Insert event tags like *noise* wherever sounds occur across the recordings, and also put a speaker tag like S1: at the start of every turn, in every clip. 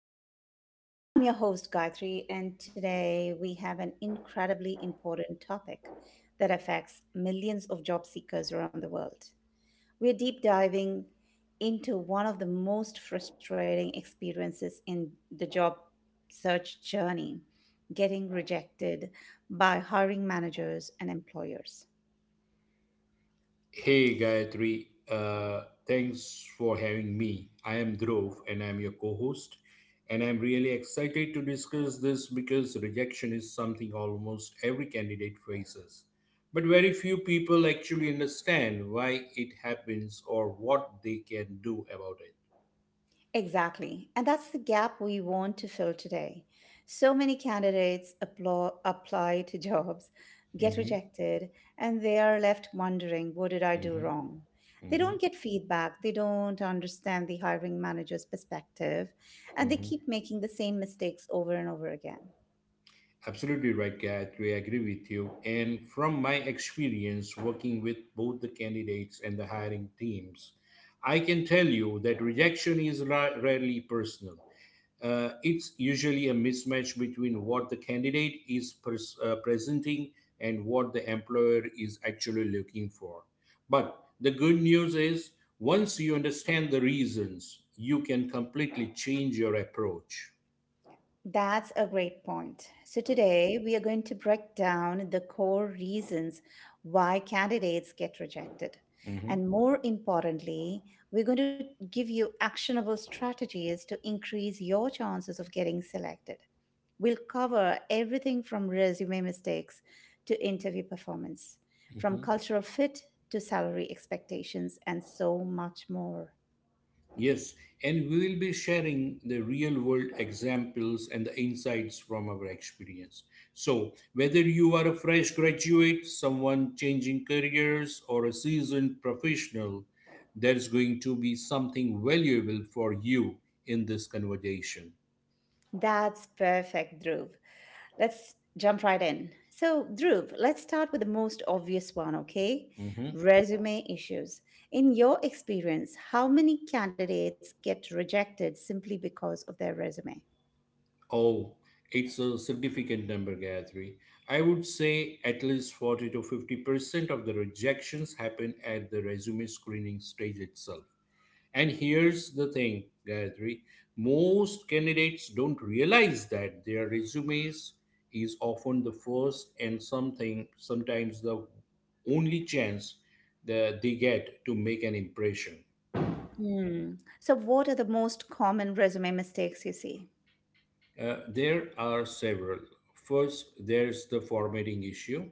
S1: podcast. I'm your host, Gayatri, and today we have an incredibly important topic that affects millions of job seekers around the world. We're deep diving into one of the most frustrating experiences in the job search journey: getting rejected by hiring managers and employers.
S2: Hey Gayatri, thanks for having me. I am Dhruv and I'm your co host. And I'm really excited to discuss this because rejection is something almost every candidate faces. But very few people actually understand why it happens or what they can do about it.
S1: Exactly. And that's the gap we want to fill today. So many candidates apply to jobs, get
S2: Hmm.
S1: rejected, and they are left wondering, what did I do
S2: Hmm.
S1: wrong? They
S2: Hmm.
S1: don't get feedback, they don't understand the hiring manager's perspective, and they
S2: Hmm.
S1: keep making the same mistakes over and over again.
S2: Absolutely right, Gayatri. I agree with you. And from my experience working with both the candidates and the hiring teams, I can tell you that rejection is rarely personal. It's usually a mismatch between what the candidate is presenting and what the employer is actually looking for. But the good news is, once you understand the reasons, you can completely change your approach.
S1: That's a great point. So, today we are going to break down the core reasons why candidates get rejected. And more importantly, we're going to give you actionable strategies to increase your chances of getting selected. We'll cover everything from resume mistakes to interview performance, from
S2: Mhm.
S1: cultural fit to salary expectations, and so much more.
S2: Yes, and we will be sharing the real world examples and the insights from our experience. So, whether you are a fresh graduate, someone changing careers, or a seasoned professional, there's going to be something valuable for you in this conversation.
S1: That's perfect, Dhruv. Let's jump right in. So, Dhruv, let's start with the most obvious one, okay?
S2: Mhm.
S1: Resume issues. In your experience, how many candidates get rejected simply because of their resume?
S2: Oh, it's a significant number, Gayatri. I would say at least 40 to 50% of the rejections happen at the resume screening stage itself. And here's the thing, Gayatri, most candidates don't realize that their resumes is often the first and something sometimes the only chance that they get to make an impression.
S1: Hmm. So, what are the most common resume mistakes you see?
S2: There are several. First, there's the formatting issue.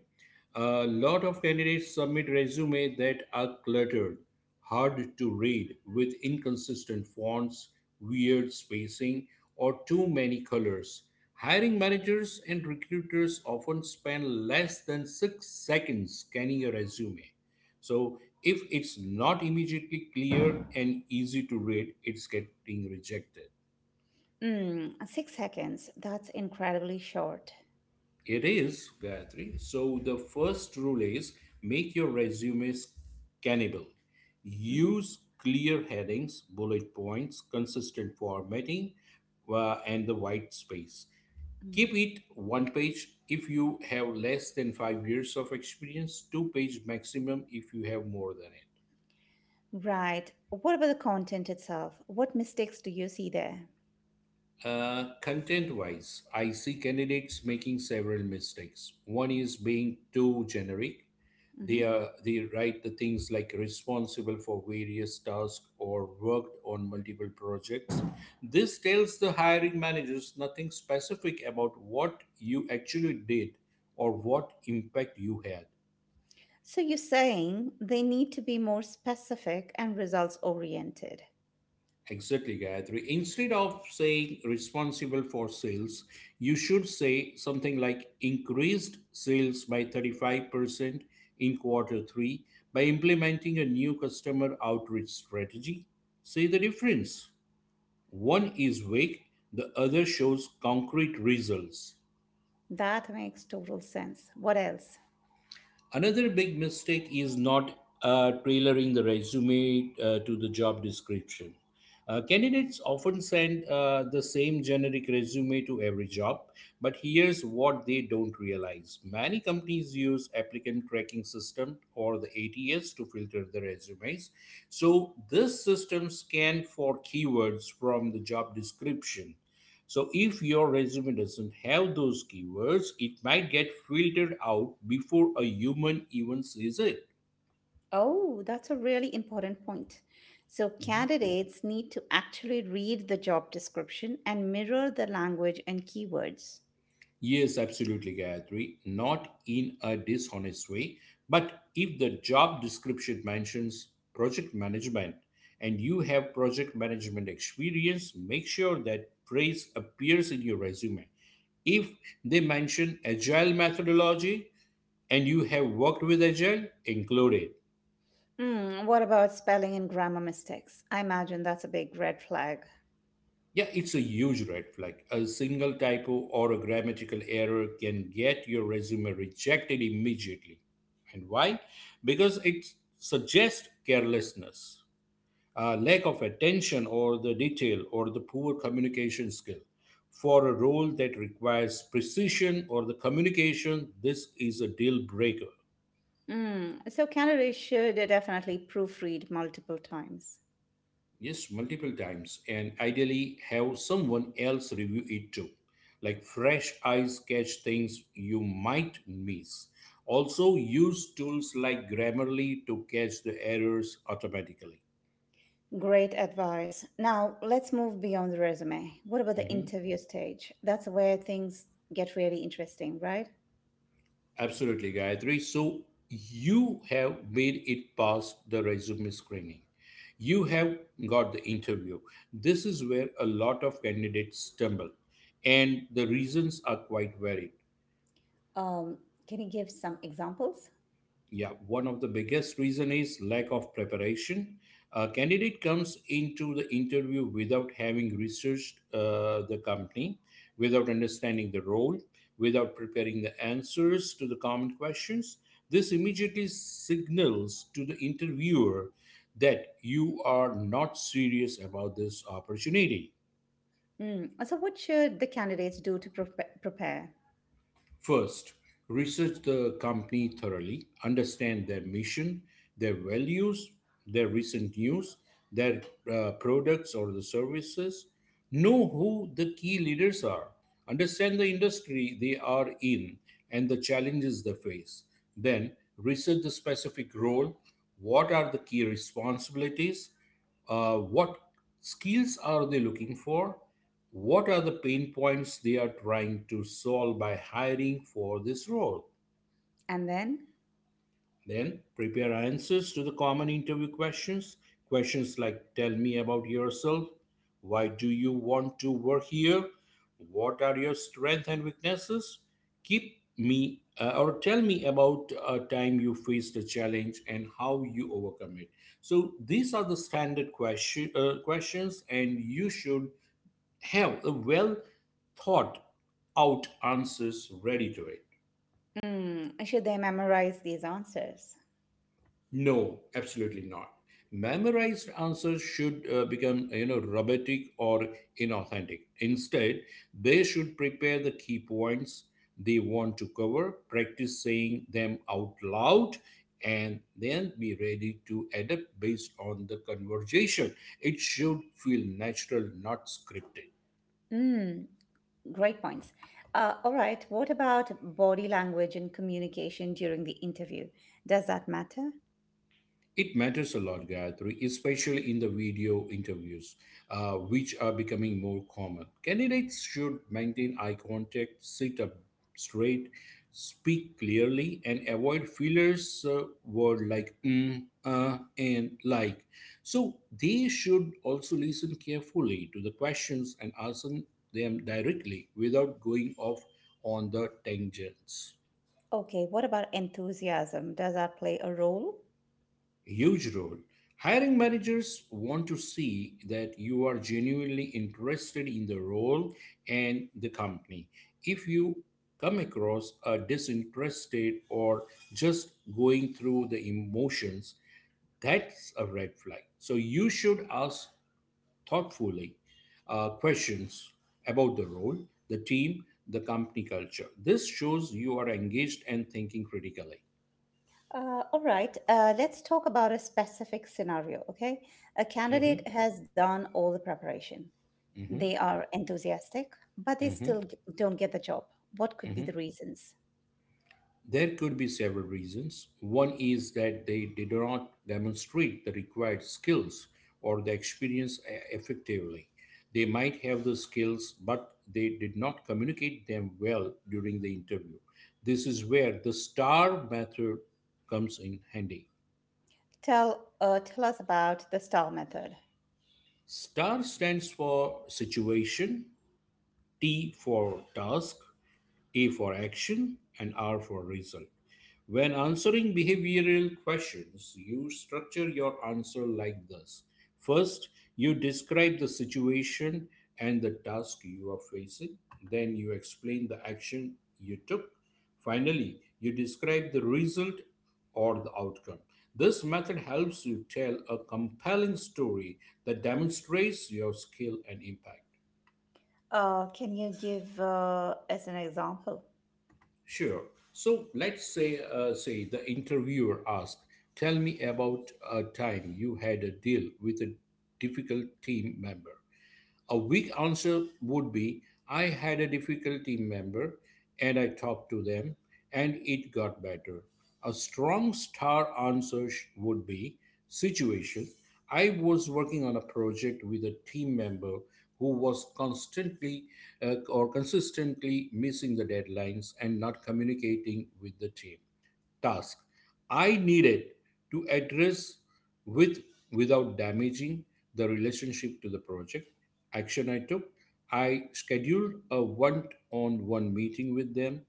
S2: A lot of candidates submit resumes that are cluttered, hard to read, with inconsistent fonts, weird spacing, or too many colors. Hiring managers and recruiters often spend less than 6 seconds scanning a resume. So, if it's not immediately clear and easy to read, it's getting rejected.
S1: Hmm. 6 seconds. That's incredibly short.
S2: It is, Gayatri. So the first rule is make your resumes scannable.
S1: Mhm.
S2: Use clear headings, bullet points, consistent formatting, and the white space.
S1: Mm.
S2: Keep it one page if you have less than 5 years of experience, two-page maximum if you have more than it.
S1: Right. What about the content itself? What mistakes do you see there?
S2: Content wise, I see candidates making several mistakes. One is being too generic.
S1: Mm-hmm.
S2: They write the things like responsible for various tasks or worked on multiple projects. This tells the hiring managers nothing specific about what you actually did or what impact you had.
S1: So you're saying they need to be more specific and results oriented.
S2: Exactly, Gayatri. Instead of saying responsible for sales, you should say something like increased sales by 35% in Q3 by implementing a new customer outreach strategy. See the difference. One is vague, the other shows concrete results.
S1: That makes total sense. What else?
S2: Another big mistake is not tailoring the resume to the job description. Candidates often send the same generic resume to every job, but here's what they don't realize. Many companies use applicant tracking system or the ATS to filter the resumes. So this system scan for keywords from the job description. So if your resume doesn't have those keywords, it might get filtered out before a human even sees it.
S1: Oh, that's a really important point. So
S2: Mhm.
S1: candidates need to actually read the job description and mirror the language and keywords.
S2: Yes, absolutely, Gayatri. Not in a dishonest way, but if the job description mentions project management and you have project management experience, make sure that phrase appears in your resume. If they mention agile methodology and you have worked with agile, include it.
S1: What about spelling and grammar mistakes? I imagine that's a big red flag.
S2: Yeah, it's a huge red flag. A single typo or a grammatical error can get your resume rejected immediately. And why? Because it suggests carelessness, a lack of attention or the detail or the poor communication skill. For a role that requires precision or the communication, this is a deal breaker.
S1: So candidates should definitely proofread multiple times.
S2: Yes, multiple times, and ideally have someone else review it too. Like fresh eyes catch things you might miss. Also, use tools like Grammarly to catch the errors automatically.
S1: Great advice. Now, let's move beyond the resume. What about the
S2: Mhm.
S1: interview stage? That's where things get really interesting, right?
S2: Absolutely, Gayatri. So, you have made it past the resume screening. You have got the interview. This is where a lot of candidates stumble, and the reasons are quite varied.
S1: Um, can you give some examples?
S2: Yeah, one of the biggest reason is lack of preparation. A candidate comes into the interview without having researched the company, without understanding the role, without preparing the answers to the common questions. This immediately signals to the interviewer that you are not serious about this opportunity.
S1: Mm. So, what should the candidates do to prepare?
S2: First, research the company thoroughly, understand their mission, their values, their recent news, their products or the services. Know who the key leaders are, understand the industry they are in and the challenges they face. Then, research the specific role. What are the key responsibilities, what skills are they looking for? What are the pain points they are trying to solve by hiring for this role?
S1: And then,
S2: Then prepare answers to the common interview questions. Questions like, tell me about yourself. Why do you want to work here? What are your strengths and weaknesses? Keep me or tell me about a time you faced a challenge and how you overcome it. So these are the standard questions, and you should have a well thought out answers ready to it.
S1: should they memorize these answers?
S2: No, absolutely not. Memorized answers should become robotic or inauthentic. Instead, they should prepare the key points they want to cover, practice saying them out loud, and then be ready to adapt based on the conversation. It should feel natural, not scripted.
S1: Mm, great points. All right. What about body language and communication during the interview? Does that matter?
S2: It matters a lot, Gayatri, especially in the video interviews, which are becoming more common. Candidates should maintain eye contact, sit up straight, speak clearly, and avoid fillers words like mm, and like. So they should also listen carefully to the questions and answer them directly without going off on the tangents.
S1: Okay. What about enthusiasm? Does that play a role?
S2: Huge role. Hiring managers want to see that you are genuinely interested in the role and the company. If you come across a disinterested or just going through the emotions, that's a red flag. So you should ask thoughtfully questions about the role, the team, the company culture. This shows you are engaged and thinking critically.
S1: All right, let's talk about a specific scenario, okay? A
S2: Hmm.
S1: candidate has done all the preparation.
S2: Hmm.
S1: They are enthusiastic, but they still
S2: Hmm.
S1: don't get the job. What could be the
S2: Hmm.
S1: reasons?
S2: There could be several reasons. One is that they did not demonstrate the required skills or the experience effectively. They might have the skills, but they did not communicate them well during the interview. This is where the STAR method comes in handy.
S1: Tell us about the STAR method.
S2: STAR stands for situation, T for task, A for action, and R for result. When answering behavioral questions, you structure your answer like this. First, you describe the situation and the task you are facing. Then, you explain the action you took. Finally, you describe the result or the outcome. This method helps you tell a compelling story that demonstrates your skill and impact.
S1: Can you give as an example?
S2: Sure. So let's say, the interviewer asks, "Tell me about a time you had a deal with a difficult team member." A weak answer would be, I had a difficulty member and I talked to them and it got better. A strong star answer would be, situation. I was working on a project with a team member who was constantly or consistently missing the deadlines and not communicating with the team. Task, I needed to address with without damaging the relationship to the project. Action I took, I scheduled a one on one meeting with them,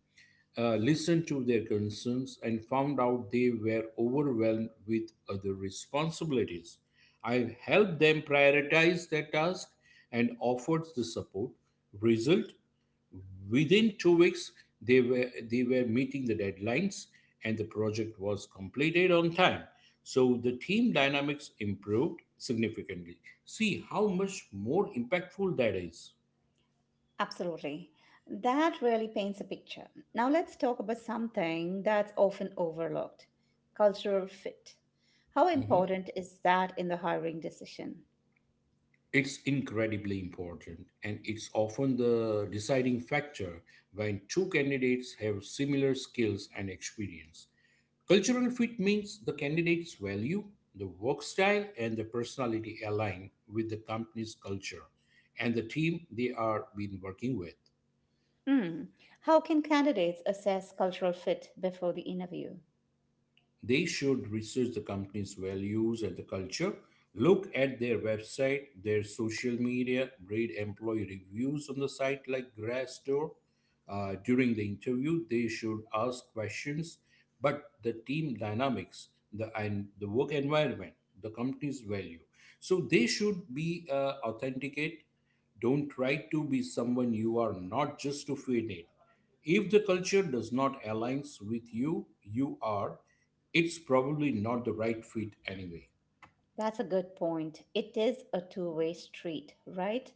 S2: listened to their concerns, and found out they were overwhelmed with other responsibilities. I helped them prioritize their task and offered the support. Result, within 2 weeks, they were meeting the deadlines, and the project was completed on time. So the team dynamics improved significantly. See how much more impactful that is.
S1: Absolutely. That really paints a picture. Now let's talk about something that's often overlooked: cultural fit. How
S2: Mhm.
S1: important is that in the hiring decision?
S2: It's incredibly important, and it's often the deciding factor when two candidates have similar skills and experience. Cultural fit means the candidate's value, the work style, and the personality align with the company's culture and the team they are been working with.
S1: Hmm. How can candidates assess cultural fit before the interview?
S2: They should research the company's values and the culture, look at their website, their social media, read employee reviews on the site like Glassdoor. During the interview, they should ask questions, but the team dynamics, the and the work environment, the company's value. So they should be authenticate. Don't try to be someone you are not just to fit in. If the culture does not aligns with you, it's probably not the right fit anyway.
S1: That's a good point. It is a two-way street, right?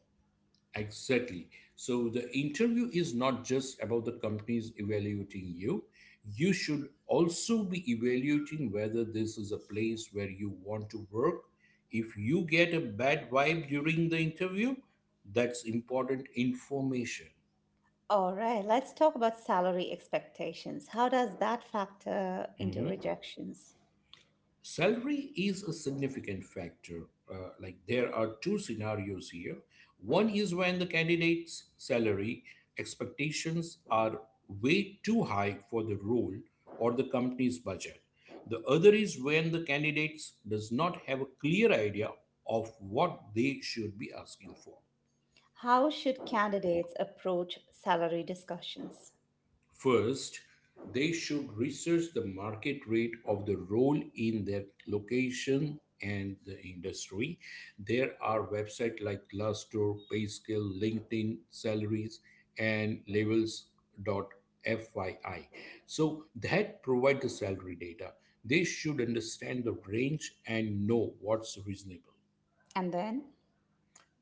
S2: Exactly. So the interview is not just about the companies evaluating you. You should also be evaluating whether this is a place where you want to work. If you get a bad vibe during the interview, that's important information.
S1: All right, let's talk about salary expectations. How does that factor into
S2: Mm-hmm.
S1: rejections?
S2: Salary is a significant factor. Like, there are two scenarios here. One is when the candidate's salary expectations are way too high for the role or the company's budget. The other is when the candidate does not have a clear idea of what they should be asking for.
S1: How should candidates approach salary discussions?
S2: First, they should research the market rate of the role in their location and the industry. There are websites like Glassdoor, Payscale, LinkedIn, Salaries, and Levels.fyi. So that provide the salary data. They should understand the range and know what's reasonable.
S1: And then,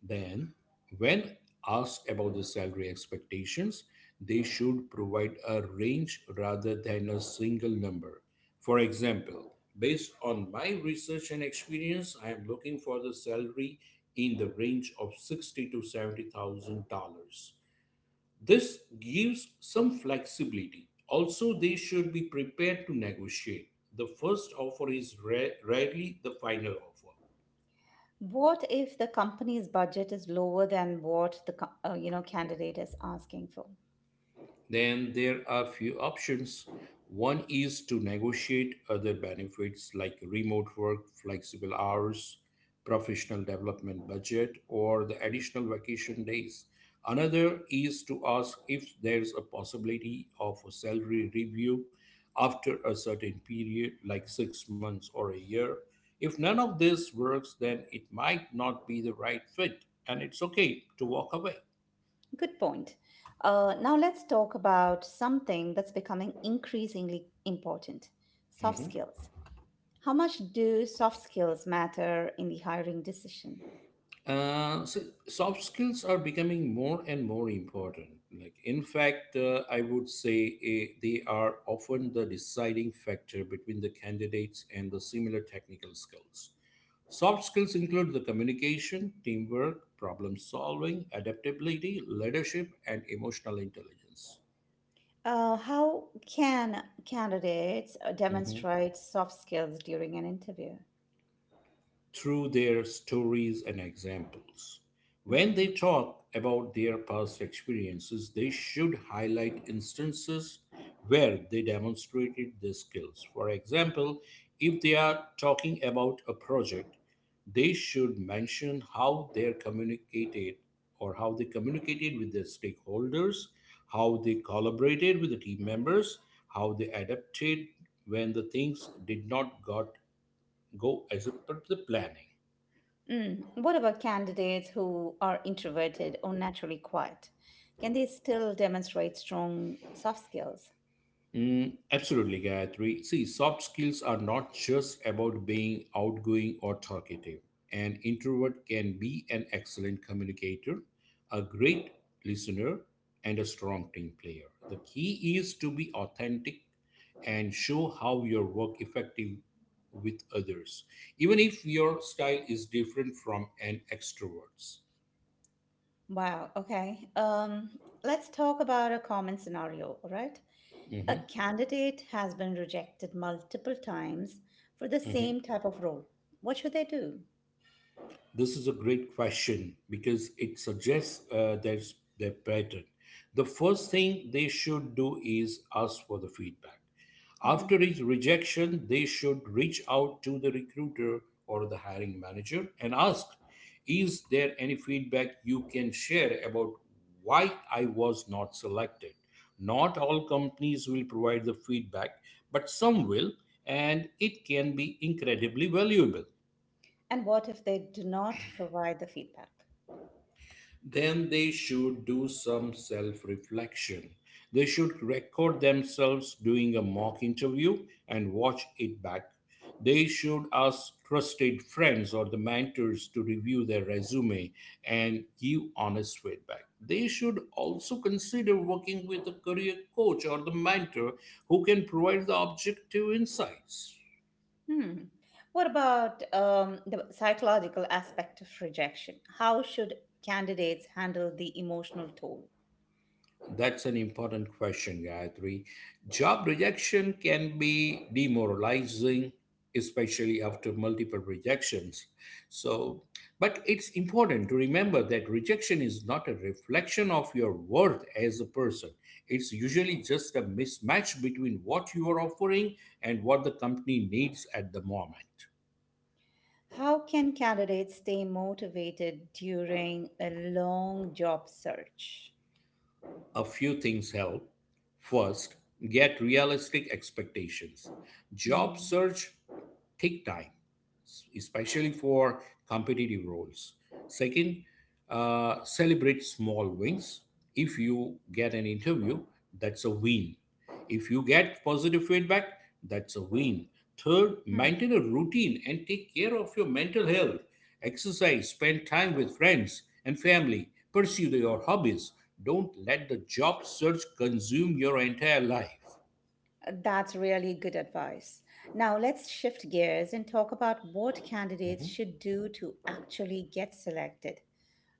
S2: Then, when asked about the salary expectations, they should provide a range rather than a single number. For example, based on my research and experience, I am looking for the salary in the range of sixty to seventy thousand dollars. This gives some flexibility. Also, they should be prepared to negotiate. The first offer is rarely the final offer.
S1: what if the company's budget is lower than what the candidate is asking for?
S2: Then there are few options. One is to negotiate other benefits like remote work, flexible hours, professional development budget, or the additional vacation days. Another is to ask if there's a possibility of a salary review after a certain period, like 6 months or a year. If none of this works, then it might not be the right fit, and it's okay to walk away.
S1: Good point. Now let's talk about something that's becoming increasingly important: soft skills. How much do soft skills matter in the hiring decision?
S2: So soft skills are becoming more and more important. Like, in fact, I would say they are often the deciding factor between the candidates and the similar technical skills. Soft skills include the communication, teamwork, problem solving, adaptability, leadership, and emotional intelligence.
S1: How can candidates
S2: Mhm.
S1: demonstrate soft skills during an interview?
S2: Through their stories and examples. When they
S1: Mhm.
S2: talk about their past experiences, they should highlight instances where they demonstrated their skills. For example, if they are talking about a project, they should mention how they communicated or how they communicated with their stakeholders, how they collaborated with the team members, how they adapted when the things did not got go as per the planning.
S1: Mm. What about candidates who are introverted or naturally quiet? Can they still demonstrate strong soft skills?
S2: Mm, absolutely, Gayatri. See, soft skills are not just about being outgoing or talkative. An introvert can be an excellent communicator, a great listener, and a strong team player. The key is to be authentic and show how your work effective with others, even if your style is different from an extrovert's.
S1: Wow, okay. Let's talk about a common scenario, all right? A
S2: Mhm,
S1: candidate has been rejected multiple times for the
S2: mhm.
S1: same type of role. What should they do?
S2: This is a great question because it suggests there's their pattern. The first thing they should do is ask for the feedback.
S1: Mhm.
S2: After each rejection, they should reach out to the recruiter or the hiring manager and ask, "Is there any feedback you can share about why I was not selected?" Not all companies will provide the feedback, but some will, and it can be incredibly valuable.
S1: And what if they do not provide the feedback?
S2: Then they should do some self reflection. They should record themselves doing a mock interview and watch it back. They should ask trusted friends or the mentors to review their resume and give honest feedback. They should also consider working with a career coach or the mentor who can provide the objective insights.
S1: Hmm. What about the psychological aspect of rejection? How should candidates handle the emotional toll?
S2: That's an important question, Gayatri. Job rejection can be demoralizing, especially after multiple rejections. So, but it's important to remember that rejection is not a reflection of your worth as a person. It's usually just a mismatch between what you are offering and what the company needs at the moment.
S1: How can candidates stay motivated during a long job search?
S2: A few things help. First, get realistic expectations. Job
S1: Mm.
S2: search take time, especially for competitive roles. Second, celebrate small wins. If you get an interview, that's a win. If you get positive feedback, that's a win. Third,
S1: Hmm.
S2: maintain a routine and take care of your mental health. Exercise, spend time with friends and family, pursue your hobbies. Don't let the job search consume your entire life.
S1: That's really good advice. Now, let's shift gears and talk about what candidates should do to actually get selected.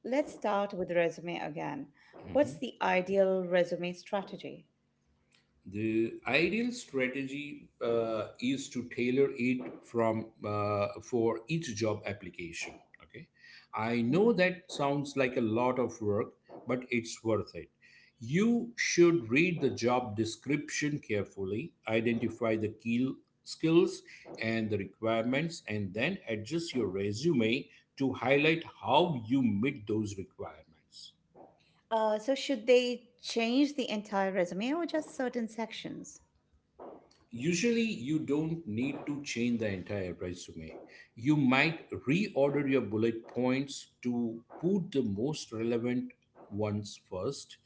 S1: Let's start with resume again. What's the ideal resume strategy?
S2: The ideal strategy is to tailor it from for each job application. Okay, I know
S1: Mhm.
S2: that sounds like a lot of work, but it's worth it. You should read the job description carefully, identify the key skills and the requirements, and then adjust your resume to highlight how you meet those requirements.
S1: So should they change the entire resume or just certain sections?
S2: Usually, you don't need to change the entire resume. You might reorder your bullet points to put the most relevant ones first.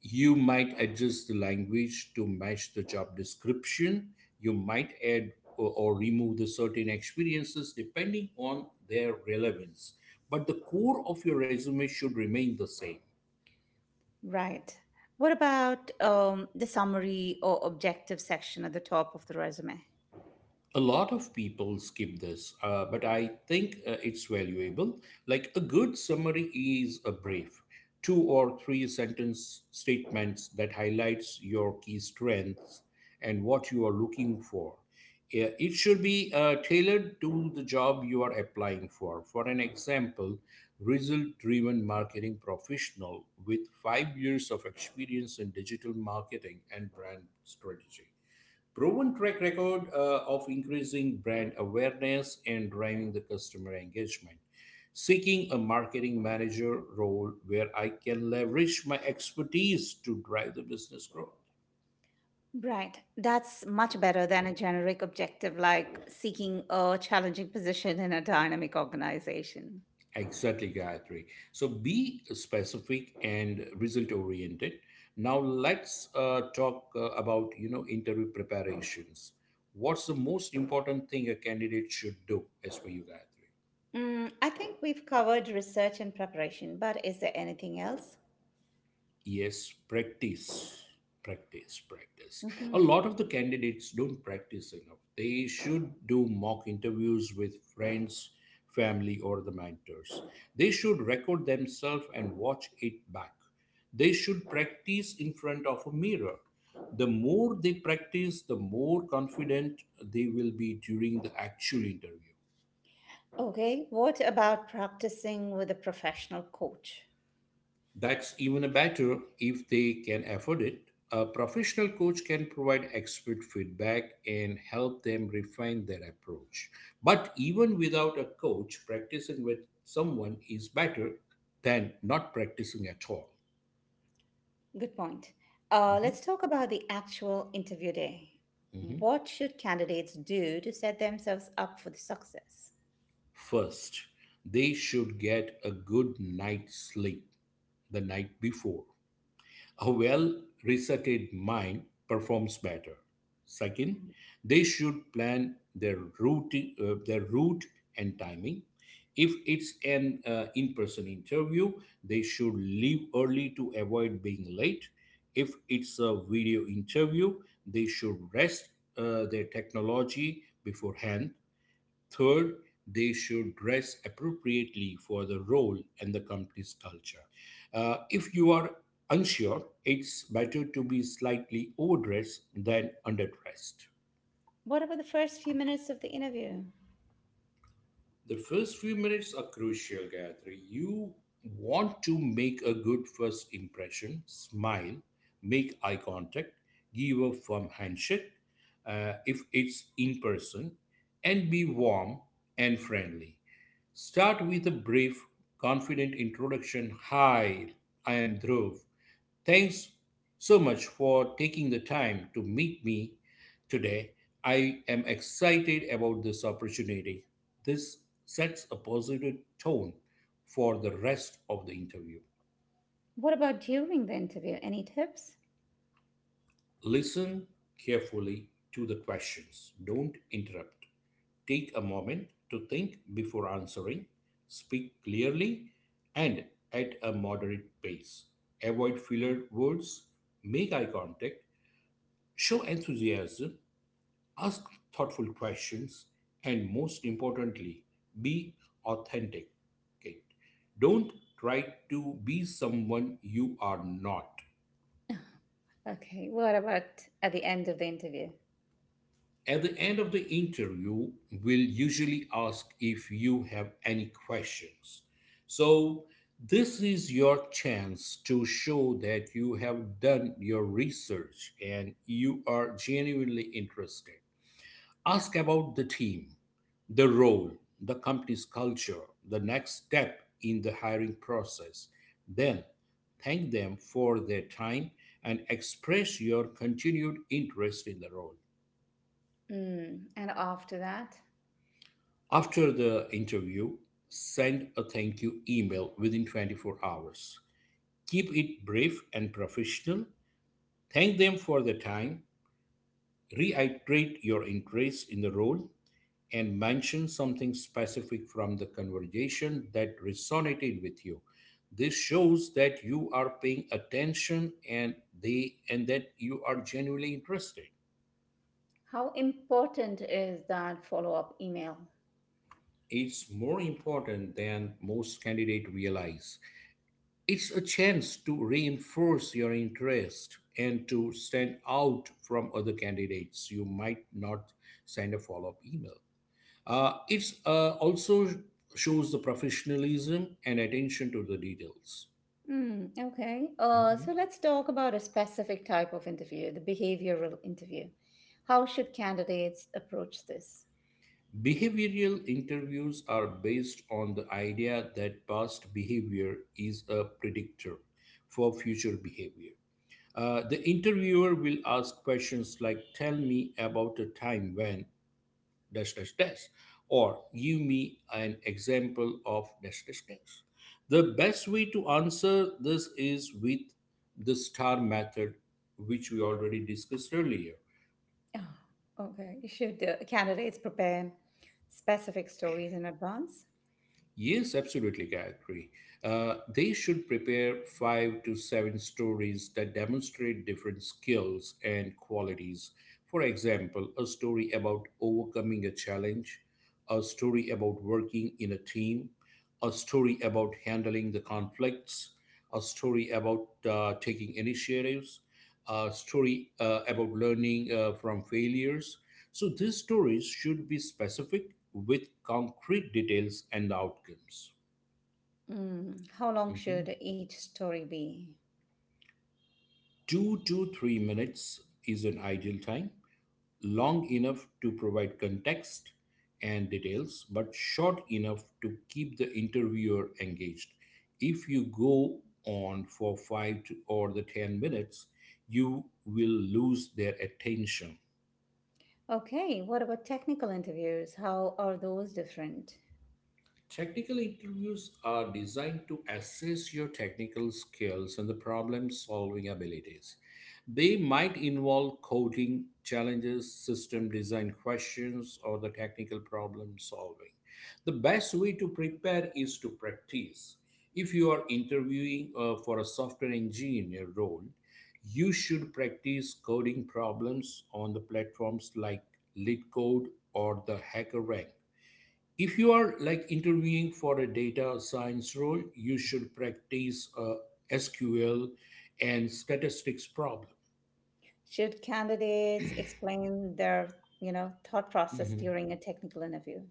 S2: You might adjust the language to match the job description. You might add or remove the certain experiences depending on their relevance. But the core of your resume should remain the same.
S1: Right. What about the summary or objective section at the top of the resume?
S2: A lot of people skip this, but I think it's valuable. Like, a good summary is a brief, two or three sentence statements that highlights your key strengths and what you are looking for. Yeah, it should be tailored to the job you are applying for. For an example, result-driven marketing professional with 5 years of experience in digital marketing and brand strategy, proven track record of increasing brand awareness and driving the customer engagement. Seeking a marketing manager role where I can leverage my expertise to drive the business growth.
S1: Right. That's much better than a generic objective like seeking a challenging position in a dynamic organization.
S2: Exactly, Gayatri. So be specific and result oriented. Now let's talk about interview preparations. What's the most important thing a candidate should do as per you, Gayatri?
S1: I think we've covered research and preparation, but is there anything else?
S2: Yes, practice, practice, practice. A
S1: Mhm.
S2: lot of the candidates don't practice enough. They should do mock interviews with friends, family, or the mentors. They should record themselves and watch it back. They should practice in front of a mirror. The more they practice, the more confident they will be during the actual interview.
S1: Okay, what about practicing with a professional coach?
S2: That's even better if they can afford it. A professional coach can provide expert feedback and help them refine their approach. But even without a coach, practicing with someone is better than not practicing at all.
S1: Good point. Uh,
S2: Mhm,
S1: let's talk about the actual interview day.
S2: mhm.
S1: What should candidates do to set themselves up for the success?
S2: First, they should get a good night's sleep the night before. A well researched mind performs better. Second, they should plan their route and timing. If it's an in person interview, they should leave early to avoid being late. If it's a video interview, they should rest their technology beforehand. Third, they should dress appropriately for the role and the company's culture. If you are unsure, it's better to be slightly overdressed than underdressed.
S1: What about the first few minutes of the interview?
S2: The first few minutes are crucial, Gayatri. You want to make a good first impression. Smile, make eye contact, give a firm handshake if it's in person, and be warm and friendly. Start with a brief, confident introduction. "Hi, I am Dhruv. Thanks so much for taking the time to meet me today. I am excited about this opportunity." This sets a positive tone for the rest of the interview.
S1: What about during the interview? Any tips?
S2: Listen carefully to the questions. Don't interrupt. Take a moment to think before answering. Speak clearly and at a moderate pace. Avoid filler words. Make eye contact. Show enthusiasm. Ask thoughtful questions, and most importantly, be authentic. Okay? Don't try to be someone you are not.
S1: Okay, what about at the end of the interview?
S2: At the end of the interview, we'll usually ask if you have any questions. So, this is your chance to show that you have done your research and you are genuinely interested. Ask about the team, the role, the company's culture, the next step in the hiring process. Then thank them for their time and express your continued interest in the role.
S1: And after that,
S2: After the interview, send a thank you email within 24 hours. Keep it brief and professional. Thank them for their time. Reiterate your interest in the role and mention something specific from the conversation that resonated with you. This shows that you are paying attention and that you are genuinely interested.
S1: how important is that follow up email?
S2: It's more important than most candidates realize. It's a chance to reinforce your interest and to stand out from other candidates. You might not send a follow-up email. It also shows the professionalism and attention to the details.
S1: Okay. Uh,
S2: Mhm.
S1: so let's talk about a specific type of interview, the behavioral interview. How should candidates approach this?
S2: Behavioral interviews are based on the idea that past behavior is a predictor for future behavior. The interviewer will ask questions like, "Tell me about a time when, dash dash dash," or, "Give me an example of dash dash dash." The best way to answer this is with the star method, which we already discussed earlier.
S1: Oh, okay. Should candidates prepare specific stories in advance?
S2: Yes, absolutely, Gayatri. They should prepare five to seven stories that demonstrate different skills and qualities. For example, a story about overcoming a challenge, a story about working in a team, a story about handling the conflicts, a story about taking initiatives, a story about learning from failures. So these stories should be specific with concrete details and the outcomes.
S1: How long
S2: Mhm.
S1: should each story be?
S2: 2 to 3 minutes is an ideal time, long enough to provide context and details, but short enough to keep the interviewer engaged. If you go on for five to, or the 10 minutes, you will lose their attention.
S1: Okay. What about technical interviews? How are those different?
S2: Technical interviews are designed to assess your technical skills and the problem solving abilities. They might involve coding challenges, system design questions, or the technical problem solving. The best way to prepare is to practice. If you are interviewing for a software engineer role, you should practice coding problems on the platforms like LeetCode or the HackerRank. If you are like interviewing for a data science role, you should practice SQL and statistics problem.
S1: Should candidates explain their thought process
S2: Mhm.
S1: during a technical interview?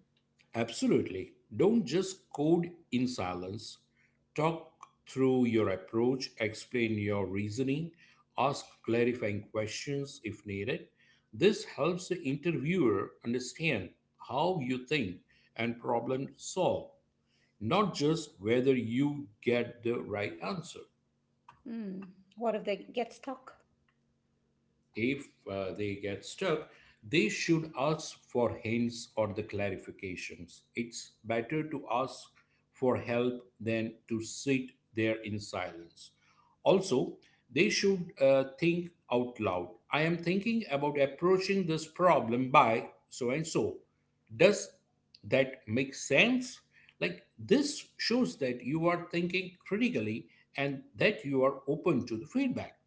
S2: Absolutely. Don't just code in silence. Talk through your approach, explain your reasoning, ask clarifying questions if needed. This helps the interviewer understand how you think and problem solve, not just whether you get the right answer.
S1: Hmm. What if they get stuck?
S2: If they get stuck, they should ask for hints or the clarifications. It's better to ask for help than to sit there in silence. Also, they should think out loud. I am thinking about approaching this problem by so and so. Does that make sense? Like, this shows that you are thinking critically and that you are open to the feedback.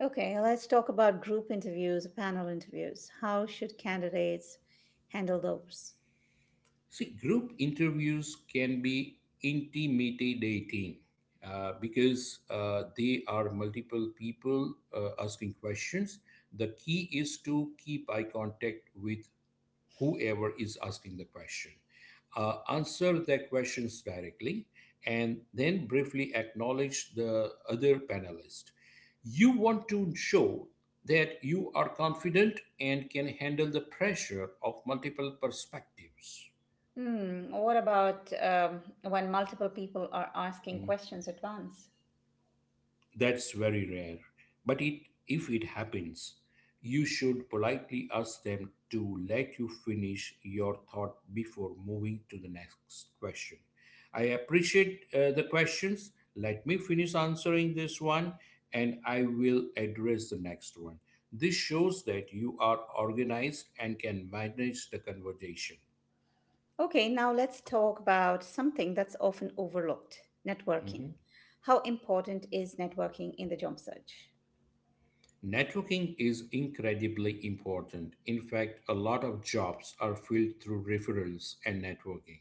S1: Okay, let's talk about group interviews, panel interviews. How should candidates handle those?
S2: See, group interviews can be intimidating because they are multiple people asking questions. The key is to keep eye contact with whoever is asking the question. Answer their questions directly and then briefly acknowledge the other panelist. You want to show that you are confident and can handle the pressure of multiple perspectives.
S1: What about when multiple people are asking
S2: Hmm.
S1: questions at once?
S2: That's very rare. But it, if it happens, you should politely ask them to let you finish your thought before moving to the next question. I appreciate the questions. Let me finish answering this one and I will address the next one. This shows that you are organized and can manage the conversation.
S1: Okay, now let's talk about something that's often overlooked: networking.
S2: Mm-hmm.
S1: How important is networking in the job search?
S2: Networking is incredibly important. In fact, a lot of jobs are filled through referrals and networking,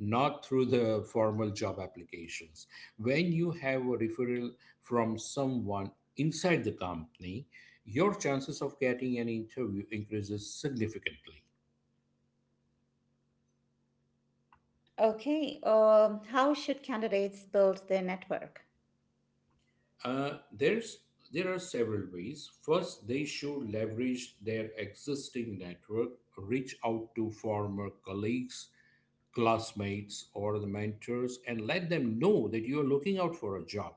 S2: not through the formal job applications. When you have a referral from someone inside the company, your chances of getting an interview increases significantly.
S1: Okay, how should candidates build their network?
S2: Uh, there's there are several ways. First, they should leverage their existing network, reach out to former colleagues, classmates or the mentors and let them know that you are looking out for a job.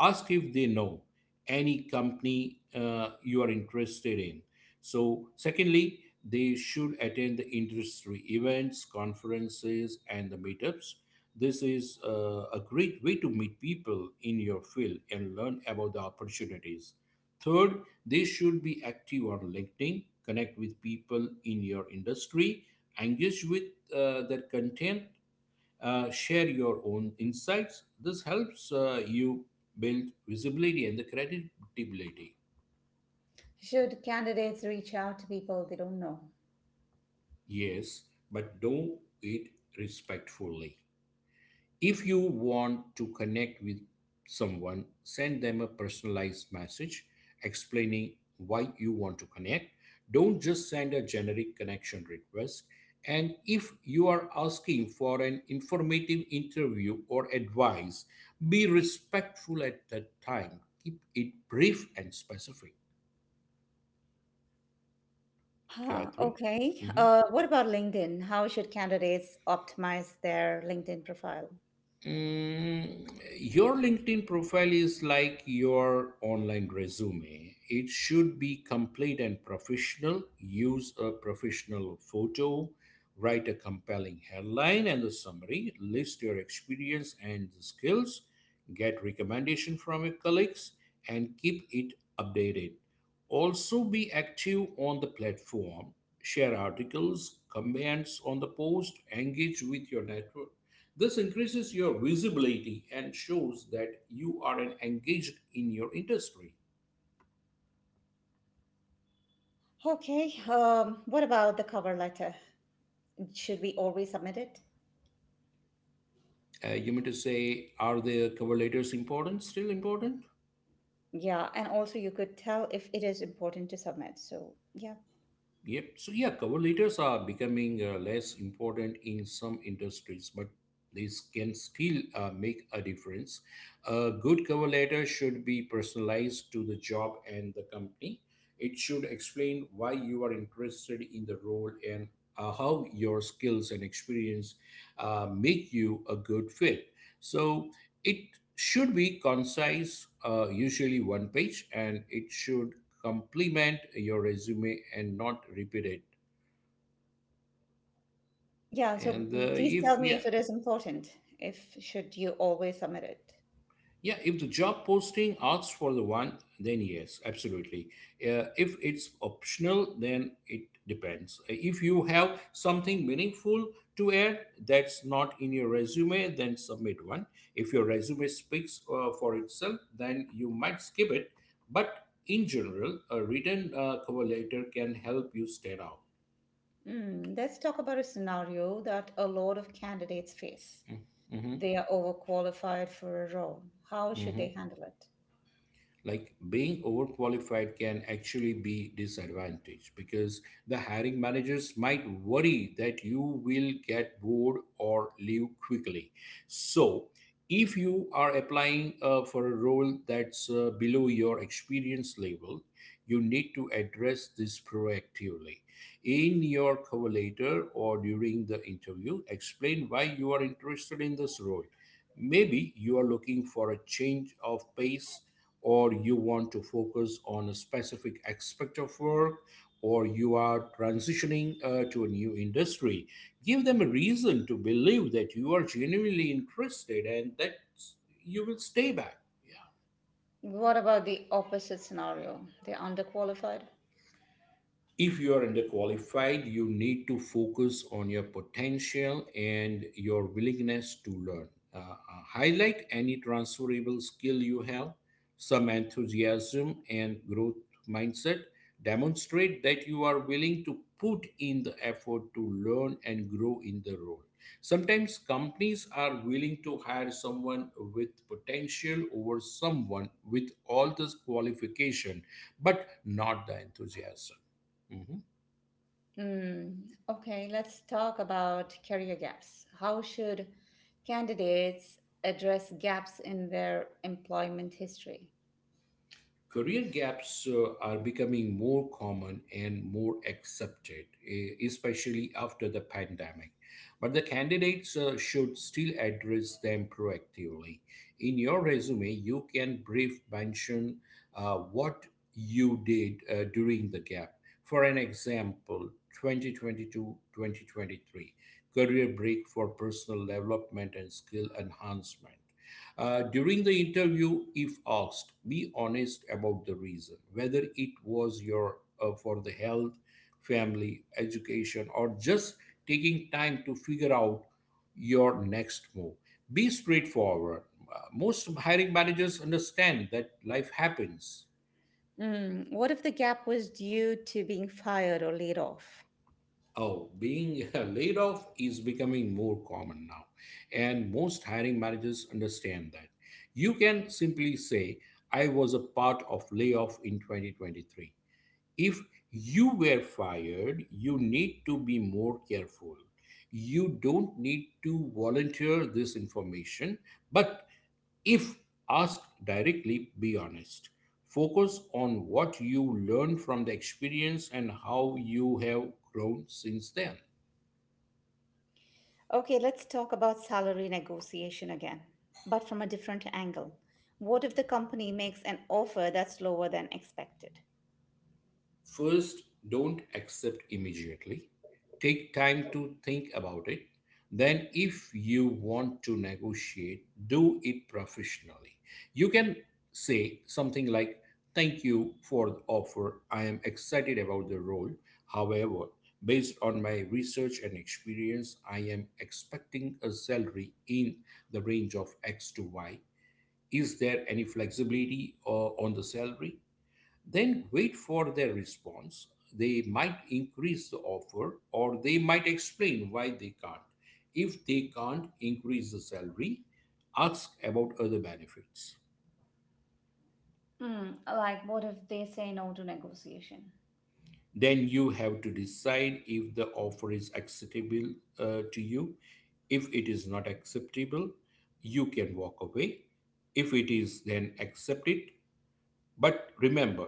S2: Ask if they know any company you are interested in. So, secondly, they should attend the industry events, conferences, and the meetups. This is a great way to meet people in your field and learn about the opportunities. Third, they should be active on LinkedIn, connect with people in your industry, engage with their content, share your own insights. This helps you build visibility and the credibility.
S1: Should candidates reach out to people they don't know?
S2: Yes, but do it respectfully. If you want to connect with someone, send them a personalized message explaining why you want to connect. Don't just send a generic connection request. And if you are asking for an informative interview or advice, be respectful at that time. Keep it brief and specific.
S1: Huh,
S2: Guthrie?
S1: okay. What about LinkedIn? How should candidates optimize their LinkedIn profile?
S2: Mm, your LinkedIn profile is like your online resume. It should be complete and professional. Use a professional photo, write a compelling headline and a summary, list your experience and the skills, get recommendation from your colleagues, and keep it updated. Also, be active on the platform, share articles, comments on the post, engage with your network. This increases your visibility and shows that you are an engaged in your industry.
S1: Okay. What about the cover letter? Should we always submit it?
S2: You mean to say, are the cover letters important? Still important?
S1: Yeah, and also you could tell if it is important to submit. So yeah,
S2: Yep. So yeah, cover letters are becoming less important in some industries, but this can still make a difference. A good cover letter should be personalized to the job and the company. It should explain why you are interested in the role and how your skills and experience make you a good fit. So it should be concise, usually one page, and it should complement your resume and not repeat it.
S1: yeah. So
S2: And
S1: please
S2: if
S1: tell me
S2: yeah,
S1: if it is important. If should you always submit it?
S2: Yeah, if the job posting asks for the one, then yes, absolutely. If it's optional, then it depends. If you have something meaningful to add that's not in your resume, then submit one. If your resume speaks for itself, then you might skip it. But in general, a written cover letter can help you stand out.
S1: Let's talk about a scenario that a lot of candidates face.
S2: Mhm,
S1: They are overqualified for a role. How should they
S2: mhm.
S1: handle it?
S2: Like being overqualified can actually be disadvantage because the hiring managers might worry that you will get bored or leave quickly. So if you are applying for a role that's below your experience level, you need to address this proactively in your cover letter or during the interview. Explain why you are interested in this role. Maybe you are looking for a change of pace, or you want to focus on a specific aspect of work, or you are transitioning to a new industry. Give them a reason to believe that you are genuinely interested and that you will stay back. Yeah.
S1: What about the opposite scenario? They're underqualified?
S2: If you are underqualified, you need to focus on your potential and your willingness to learn. Uh, uh, Highlight any transferable skill you have, some enthusiasm and growth mindset. Demonstrate that you are willing to put in the effort to learn and grow in the role. Sometimes companies are willing to hire someone with potential over someone with all this qualification, but not the enthusiasm. Mhm.
S1: Hmm. Okay, let's talk about career gaps. How should candidates address gaps in their employment history?
S2: Career gaps are becoming more common and more accepted, especially after the pandemic. But the candidates should still address them proactively. In your resume, you can brief mention what you did during the gap. For an example, 2022 2023, career break for personal development and skill enhancement. During the interview, if asked, be honest about the reason, whether it was your for the health, family, education, or just taking time to figure out your next move. Be straightforward. Most hiring managers understand that life happens.
S1: Hmm. What if the gap was due to being fired or laid off?
S2: Oh, being *laughs* laid off is becoming more common now, and most hiring managers understand that. You can simply say, I was a part of layoff in 2023. If you were fired, you need to be more careful. You don't need to volunteer this information, but if asked directly, be honest. Focus on what you learned from the experience and how you have grown since then.
S1: Okay, let's talk about salary negotiation again, but from a different angle. What if the company makes an offer that's lower than expected?
S2: First, don't accept immediately. Take time to think about it. Then, if you want to negotiate, do it professionally. You can say something like, thank you for the offer. I am excited about the role. However, based on my research and experience, I am expecting a salary in the range of X to Y. Is there any flexibility on the salary? Then wait for their response. They might increase the offer or they might explain why they can't. If they can't increase the salary, ask about other benefits.
S1: Like, what if they say no to negotiation?
S2: Then you have to decide if the offer is acceptable to you. If it is not acceptable, you can walk away. If it is, then accept it. But remember,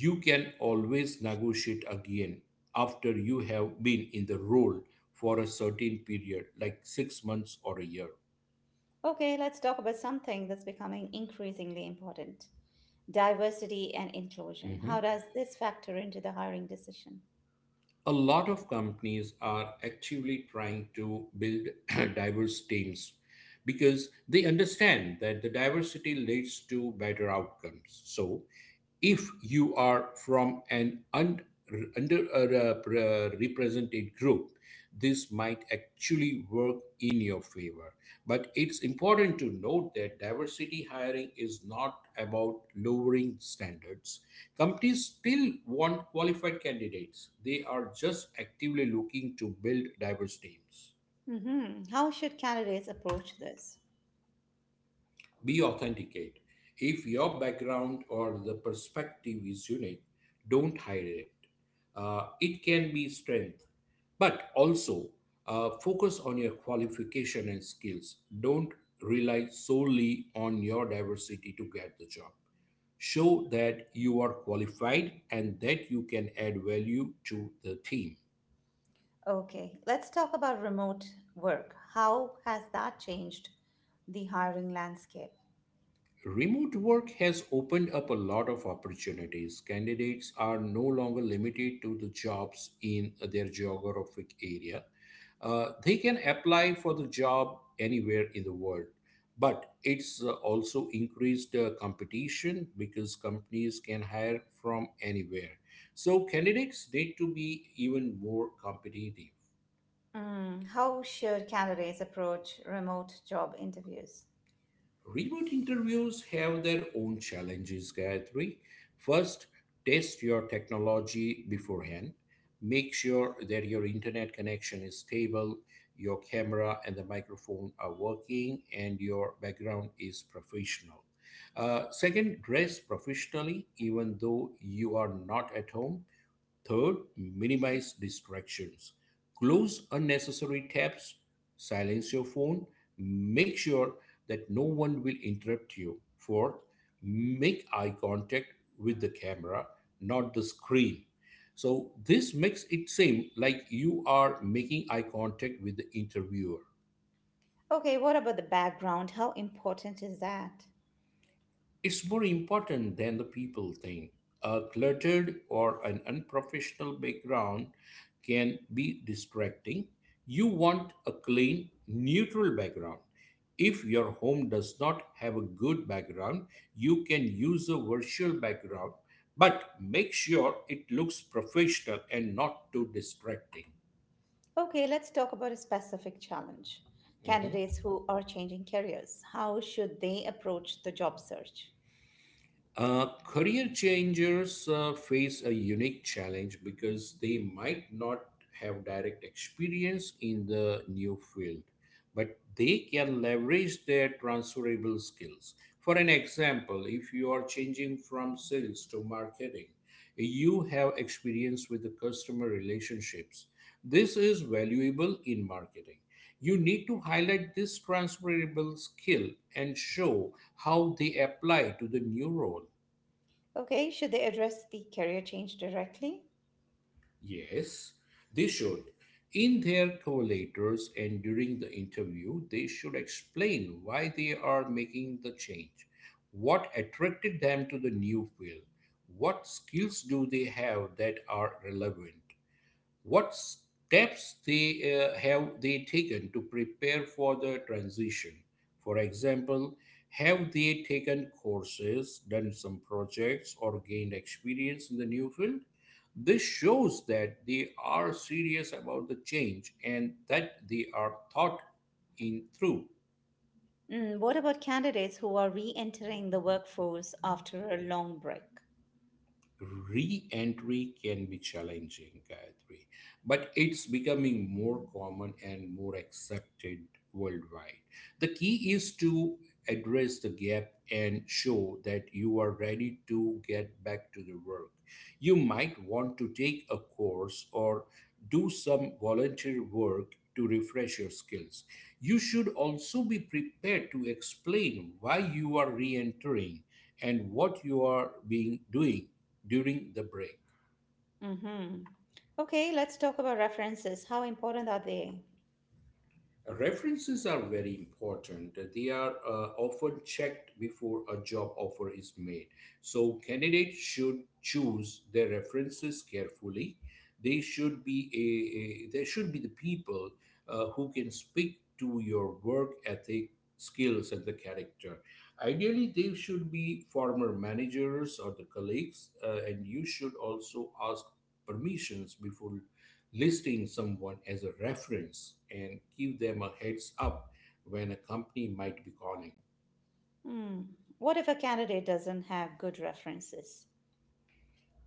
S2: you can always negotiate again after you have been in the role for a certain period, like 6 months or a year.
S1: Okay, let's talk about something that's becoming increasingly important: diversity and inclusion.
S2: Mhm.
S1: How does this factor into the hiring decision?
S2: A lot of companies are actively trying to build *clears throat* diverse teams because they understand that the diversity leads to better outcomes. So, if you are from an underrepresented group, this might actually work in your favor. But it's important to note that diversity hiring is not about lowering standards. Companies still want qualified candidates. They are just actively looking to build diverse teams.
S1: How should candidates approach this?
S2: Be authenticate. If your background or the perspective is unique, don't hide it. It can be strength, but also focus on your qualification and skills. Don't rely solely on your diversity to get the job. Show that you are qualified and that you can add value to the team.
S1: Okay, let's talk about remote work. How has that changed the hiring landscape?
S2: Remote work has opened up a lot of opportunities. Candidates are no longer limited to the jobs in their geographic area. They can apply for the job anywhere in the world. But it's also increased competition because companies can hire from anywhere. So candidates need to be even more competitive.
S1: How should candidates approach remote job interviews?
S2: Remote interviews have their own challenges, Gayatri. First, test your technology beforehand. Make sure that your internet connection is stable, your camera and the microphone are working, and your background is professional. Second, dress professionally even though you are not at home. Third, minimize distractions. Close unnecessary tabs, silence your phone, make sure that no one will interrupt you. Fourth, make eye contact with the camera, not the screen. So, this makes it seem like you are making eye contact with the interviewer.
S1: Okay, what about the background? How important is that?
S2: It's more important than the people think. A cluttered or an unprofessional background can be distracting. You want a clean, neutral background. If your home does not have a good background, you can use a virtual background, but make sure it looks professional and not too distracting.
S1: Okay, let's talk about a specific challenge.
S2: Mm-hmm.
S1: Candidates who are changing careers, how should they approach the job search?
S2: Career changers face a unique challenge because they might not have direct experience in the new field, but they can leverage their transferable skills. For an example, if you are changing from sales to marketing, you have experience with the customer relationships. This is valuable in marketing. You need to highlight this transferable skill and show how they apply to the new role.
S1: Okay, should they address the career change directly?
S2: Yes, they should. In their cover and during the interview, they should explain why they are making the change, what attracted them to the new field, what skills do they have that are relevant, what steps they have they taken to prepare for the transition? For example, have they taken courses, done some projects, or gained experience in the new field? This shows that they are serious about the change and that they are thought in through.
S1: What about candidates who are re entering the workforce after a long break?
S2: Re-entry can be challenging, Gayatri, but it's becoming more common and more accepted worldwide. The key is to address the gap and show that you are ready to get back to the work. You might want to take a course or do some volunteer work to refresh your skills. You should also be prepared to explain why you are re entering and what you are being doing during the break.
S1: Mm-hmm. Okay, let's talk about references. How important are they?
S2: References are very important. They are often checked before a job offer is made. So, candidates should choose their references carefully. They should be a, they should be the people who can speak to your work ethic, skills, and the character. Ideally, they should be former managers or the colleagues, and you should also ask permissions before listing someone as a reference and give them a heads up when a company might be calling.
S1: Hmm. What if a candidate doesn't have good references?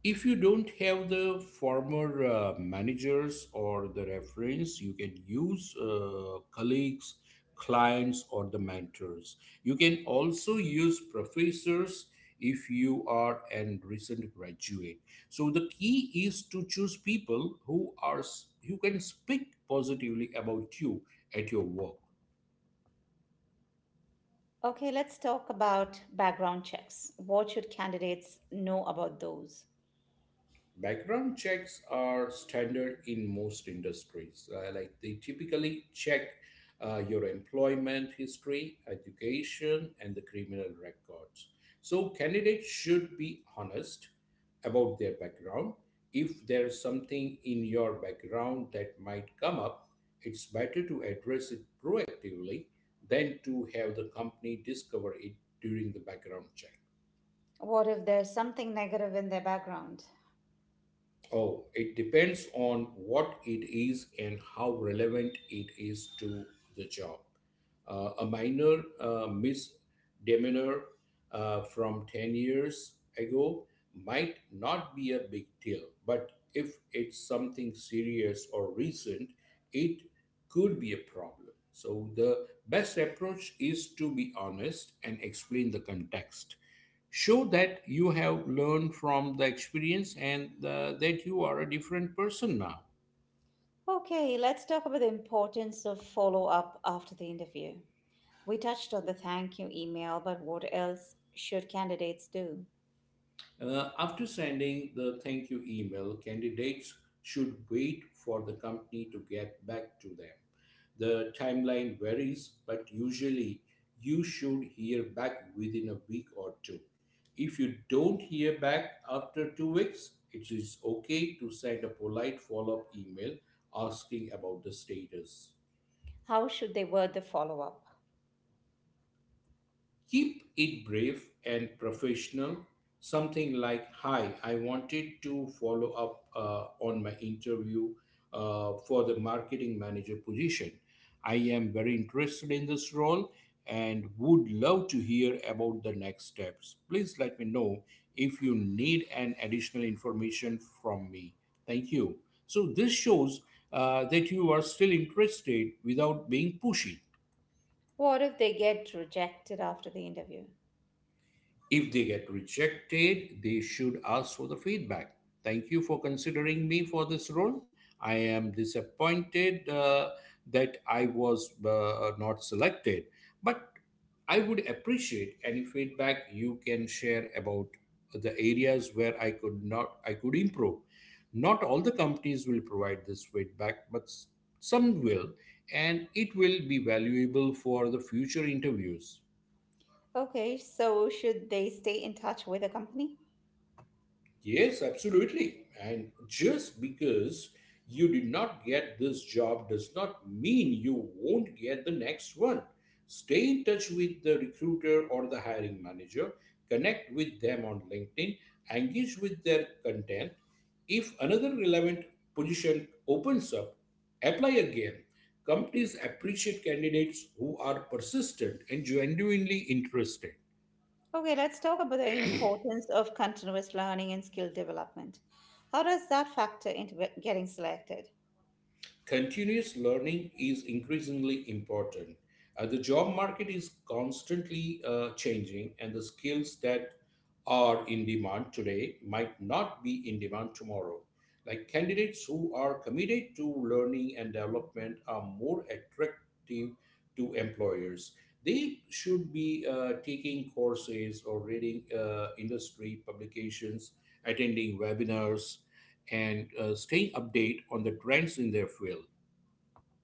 S2: If you don't have the former managers or the reference, you can use colleagues, clients, or the mentors. You can also use professors if you are a recent graduate. So the key is to choose people who can speak positively about you at your work.
S1: Okay, let's talk about background checks. What should candidates know about those?
S2: Background checks are standard in most industries. Like they typically check your employment history, education, and the criminal records. So candidates should be honest about their background. If there's something in your background that might come up, it's better to address it proactively than to have the company discover it during the background check.
S1: What if there's something negative in their background?
S2: Oh, it depends on what it is and how relevant it is to the job. A minor misdemeanor from 10 years ago might not be a big deal, but if it's something serious or recent, it could be a problem. So, the best approach is to be honest and explain the context show that you have learned from the experience and that you are a different person now.
S1: Okay, let's talk about the importance of follow up after the interview. We touched on the thank you email, but what else should candidates do?
S2: After sending the thank you email, candidates should wait for the company to get back to them. The timeline varies, but usually you should hear back within a week or two. If you don't hear back after 2 weeks, it is okay to send a polite follow up email asking about the status.
S1: How should they word the follow up?
S2: Keep it brief and professional. Something like, Hi, I wanted to follow up on my interview for the marketing manager position. I am very interested in this role and would love to hear about the next steps. Please let me know if you need an additional information from me. Thank you. So, this shows that you are still interested without being pushy.
S1: What if they get rejected after the interview?
S2: If they get rejected, they should ask for the feedback. Thank you for considering me for this role. I am disappointed that I was not selected, but I would appreciate any feedback you can share about the areas where I could improve. Not all the companies will provide this feedback, but some will, and it will be valuable for the future interviews.
S1: Okay, so should they stay in touch with the company?
S2: Yes, absolutely. And just because you did not get this job does not mean you won't get the next one. Stay in touch with the recruiter or the hiring manager, connect with them on LinkedIn, engage with their content. If another relevant position opens up, apply again. Companies appreciate candidates who are persistent and genuinely interested.
S1: Okay, let's talk about the importance of continuous learning and skill development. How does that factor into getting selected?
S2: Continuous learning is increasingly important. The job market is constantly changing, and the skills that are in demand today might not be in demand tomorrow. Like candidates who are committed to learning and development are more attractive to employers. They should be taking courses or reading industry publications, attending webinars, and staying update on the trends in their field.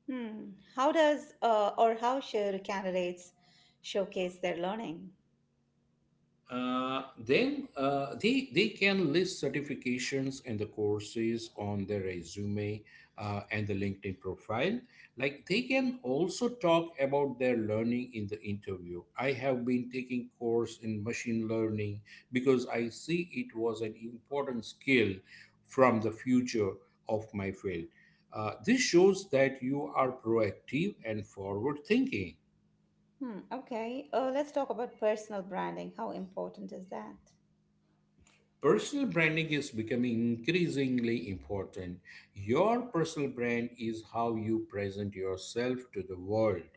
S1: Hmm. How does or how should candidates showcase their learning?
S2: Then they can list certifications and the courses on their resume and the LinkedIn profile. Like they can also talk about their learning in the interview. I have been taking course in machine learning because I see it was an important skill from the future of my field. This shows that you are proactive and forward thinking.
S1: Hmm. Okay. Let's talk about personal branding. How important is that?
S2: Personal branding is becoming increasingly important. Your personal brand is how you present yourself to the world.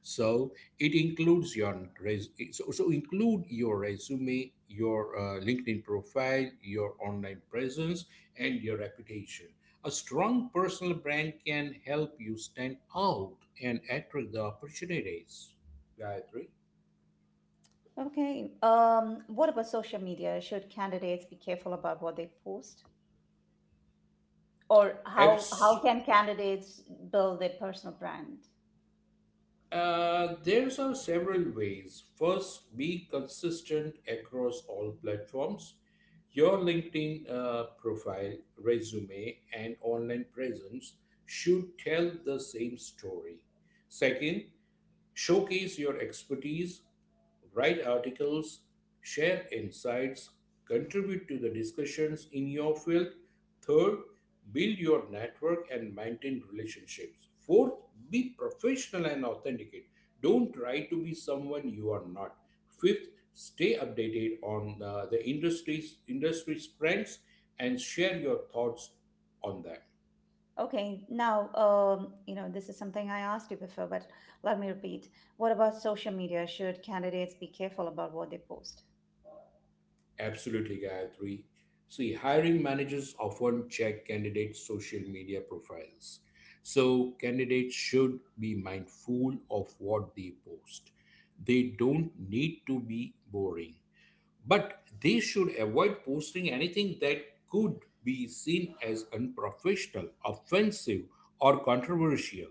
S2: So it include your resume, your LinkedIn profile, your online presence, and your reputation. A strong personal brand can help you stand out and attract the opportunities. Yeah, I
S1: Okay. What about social media? Should candidates be careful about what they post, or how can candidates build their personal brand?
S2: there's are several ways. First, be consistent across all platforms. Your LinkedIn profile, resume, and online presence should tell the same story. Second, showcase your expertise, write articles, share insights, contribute to the discussions in your field. Third, build your network and maintain relationships. Fourth, be professional and authenticate. Don't try to be someone you are not. Fifth, stay updated on the industry's trends and share your thoughts on them.
S1: Okay, now, this is something I asked you before, but let me repeat. What about social media? Should candidates be careful about what they post?
S2: Absolutely, Gayatri. See, hiring managers often check candidates' social media profiles. So, candidates should be mindful of what they post. They don't need to be boring, but they should avoid posting anything that could be seen as unprofessional, offensive, or controversial.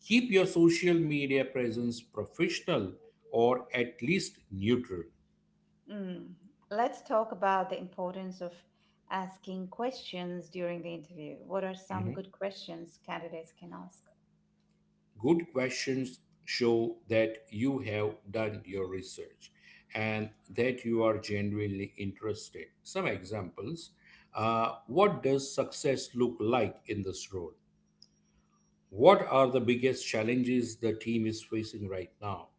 S2: Keep your social media presence professional or at least neutral.
S1: Mm. Let's talk about the importance of asking questions during the interview. What are some
S2: Mm-hmm.
S1: good questions candidates can ask?
S2: Good questions show that you have done your research and that you are genuinely interested. Some examples What does success look like in this role? What are the biggest challenges the team is facing right now?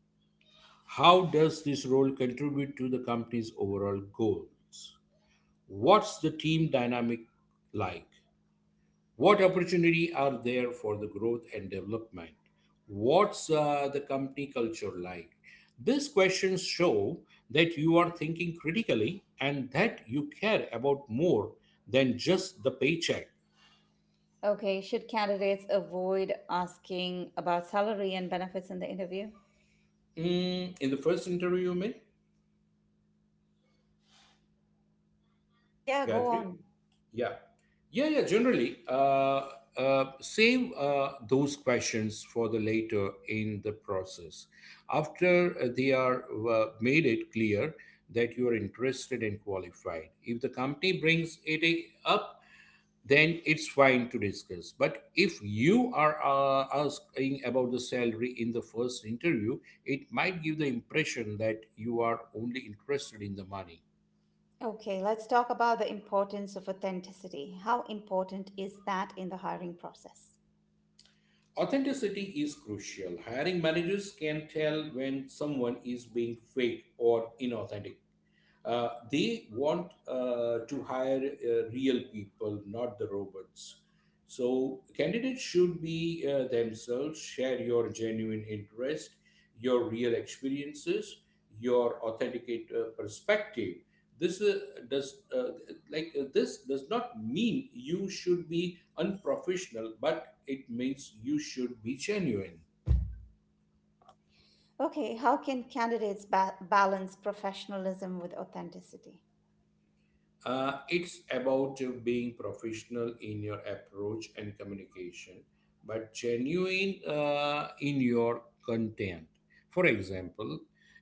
S2: How does this role contribute to the company's overall goals? What's the team dynamic like? What opportunity are there for the growth and development? What's the company culture like? These questions show that you are thinking critically and that you care about more than just the paycheck.
S1: Okay, should candidates avoid asking about salary and benefits in the interview?
S2: Mm, in the first interview, you mean,
S1: Yeah, go
S2: Gayatri?
S1: on.
S2: Yeah. Yeah, yeah, generally. Save those questions for the later in the process. After they are made it clear that you are interested and qualified. If the company brings it up, then it's fine to discuss. But if you are asking about the salary in the first interview, it might give the impression that you are only interested in the money.
S1: Okay, let's talk about the importance of authenticity. How important is that in the hiring process?
S2: Authenticity is crucial. Hiring managers can tell when someone is being fake or inauthentic. They want to hire real people, not the robots. So, candidates should be themselves, share your genuine interest, your real experiences, your authenticate perspective. This uh, does uh, this does not mean you should be unprofessional, but it means you should be genuine.
S1: Okay, how can candidates balance professionalism with authenticity?
S2: It's about being professional in your approach and communication, but genuine in your content. For example,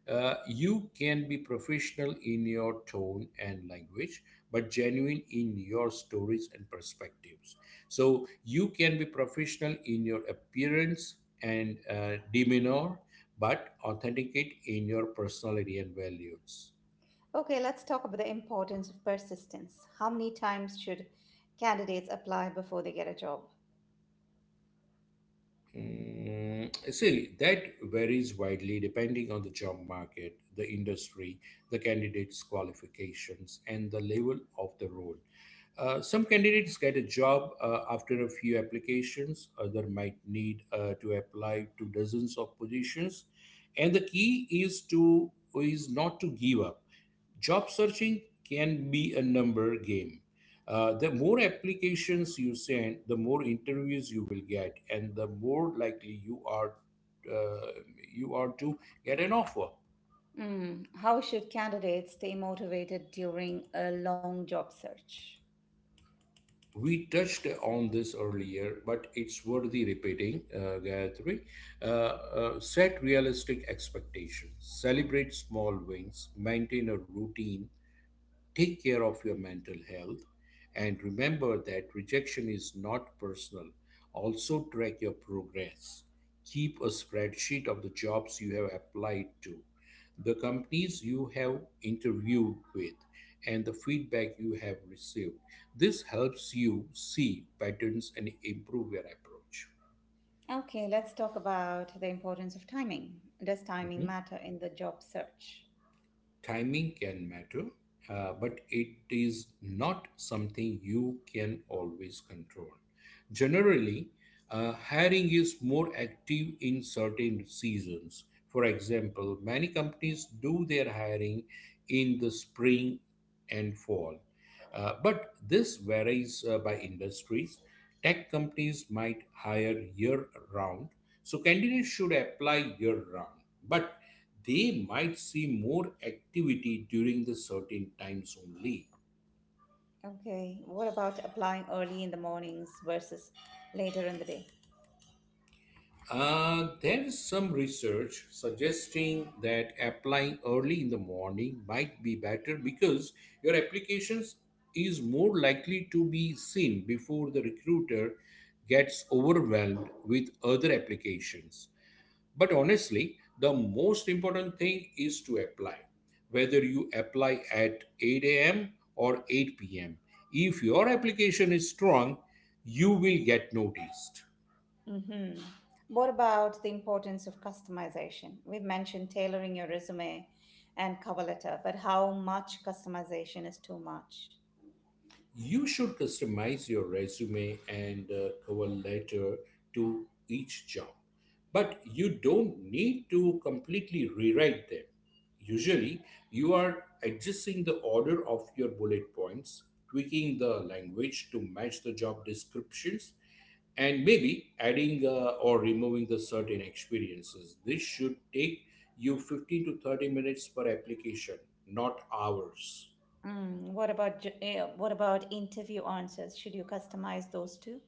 S2: you can be professional in your tone and language, but genuine in your stories and perspectives. So you can be professional in your appearance and demeanor, but authenticate in your personality and values.
S1: Okay, let's talk about the importance of persistence. How many times should candidates apply before they get a job?
S2: Mm, see, that varies widely depending on the job market, the industry, the candidate's qualifications, and the level of the role. Some candidates get a job after a few applications, other might need to apply to dozens of positions. And the key is not to give up. Job searching can be a number game. The more applications you send, the more interviews you will get, and the more likely uh, you are to get an offer.
S1: How should candidates stay motivated during a long job search?
S2: We touched on this earlier, but it's worthy repeating, Gayatri. Set realistic expectations, celebrate small wins, maintain a routine. Take care of your mental health and remember that rejection is not personal. Also, track your progress. Keep a spreadsheet of the jobs you have applied to, the companies you have interviewed with, and the feedback you have received. This helps you see patterns and improve your approach.
S1: Okay, let's talk about the importance of timing. Does timing
S2: Mhm.
S1: matter in the job search?
S2: Timing can matter, but it is not something you can always control. Generally, hiring is more active in certain seasons. For example, many companies do their hiring in the spring and fall but this varies by industries. Tech companies might hire year round, so candidates should apply year round, but they might see more activity during the certain times only.
S1: Okay. What about applying early in the mornings versus later in the day?
S2: There is some research suggesting that applying early in the morning might be better because your applications is more likely to be seen before the recruiter gets overwhelmed with other applications. But honestly, the most important thing is to apply, whether you apply at 8 a.m. or 8 p.m. If your application is strong, you will get noticed.
S1: hmm What about the importance of customization? We've mentioned tailoring your resume and cover letter, but how much customization is too much?
S2: You should customize your resume and cover letter to each job, but you don't need to completely rewrite them. Usually, you are adjusting the order of your bullet points, tweaking the language to match the job descriptions, and maybe adding or removing the certain experiences. This should take you 15 to 30 minutes per application, not hours.
S1: What about interview answers? Should you customize those too?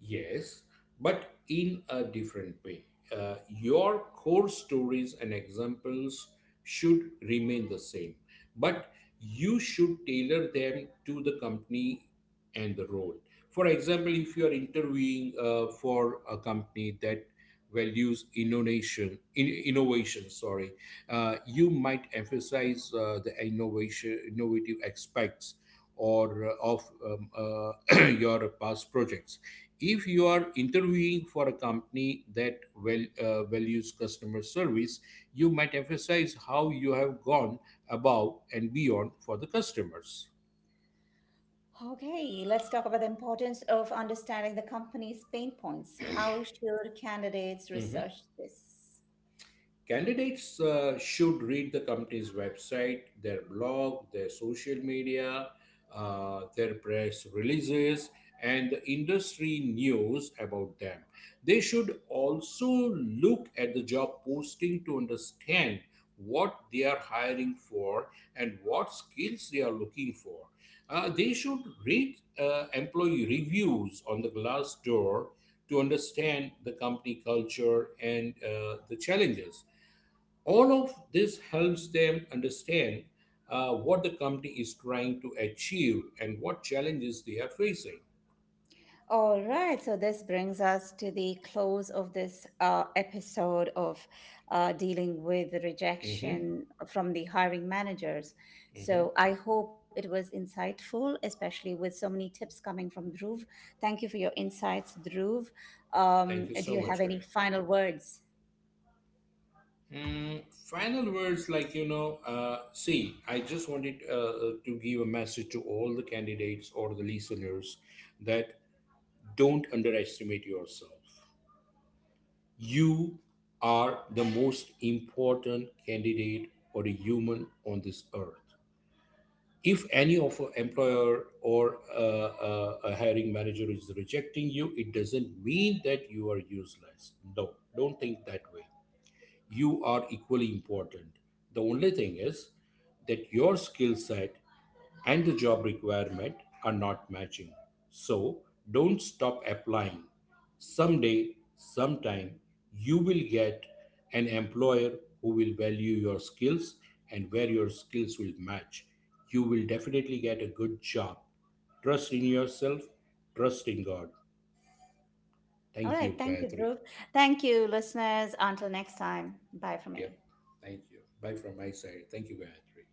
S2: Yes, but in a different way. Your core stories and examples should remain the same, but you should tailor them to the company and the role. For example, if you are interviewing for a company that values innovation, sorry, you might emphasize the innovative aspects or of *clears throat* your past projects if you are interviewing for a company that well, values customer service, you might emphasize how you have gone above and beyond for the customers.
S1: Okay, let's talk about the importance of understanding the company's pain points. How should candidates research this?
S2: Candidates should read the company's website, their blog, their social media, their press releases, and the industry news about them. They should also look at the job posting to understand what they are hiring for and what skills they are looking for. They should read employee reviews on the Glassdoor to understand the company culture and the challenges. All of this helps them understand what the company is trying to achieve and what challenges they are facing.
S1: All right, so this brings us to the close of this episode of dealing with
S2: Mhm,
S1: rejection from the hiring managers.
S2: mhm.
S1: So I hope it was insightful, especially with so many tips coming from Dhruv. Thank you for your insights, Dhruv.
S2: Thank
S1: Um,
S2: you
S1: do
S2: so
S1: you have
S2: much,
S1: any
S2: Gayatri.
S1: final words?
S2: Mm, final words like, see, I just wanted to give a message to all the candidates or the listeners that don't underestimate yourself. You are the most important candidate or a human on this earth. If any of an employer or a hiring manager is rejecting you, it doesn't mean that you are useless. No, don't think that way. You are equally important. The only thing is that your skill set and the job requirement are not matching. So don't stop applying. Someday, sometime, you will get an employer who will value your skills and where your skills will match. You will definitely get a good job. Trust in yourself, trust in God.
S1: All
S2: Thank
S1: right,
S2: you,
S1: thank you,
S2: Gayatri.
S1: Dhruv. Thank you, listeners. Until next time, bye from
S2: Yeah,
S1: me.
S2: thank you. Bye from my side. Thank you, Gayatri.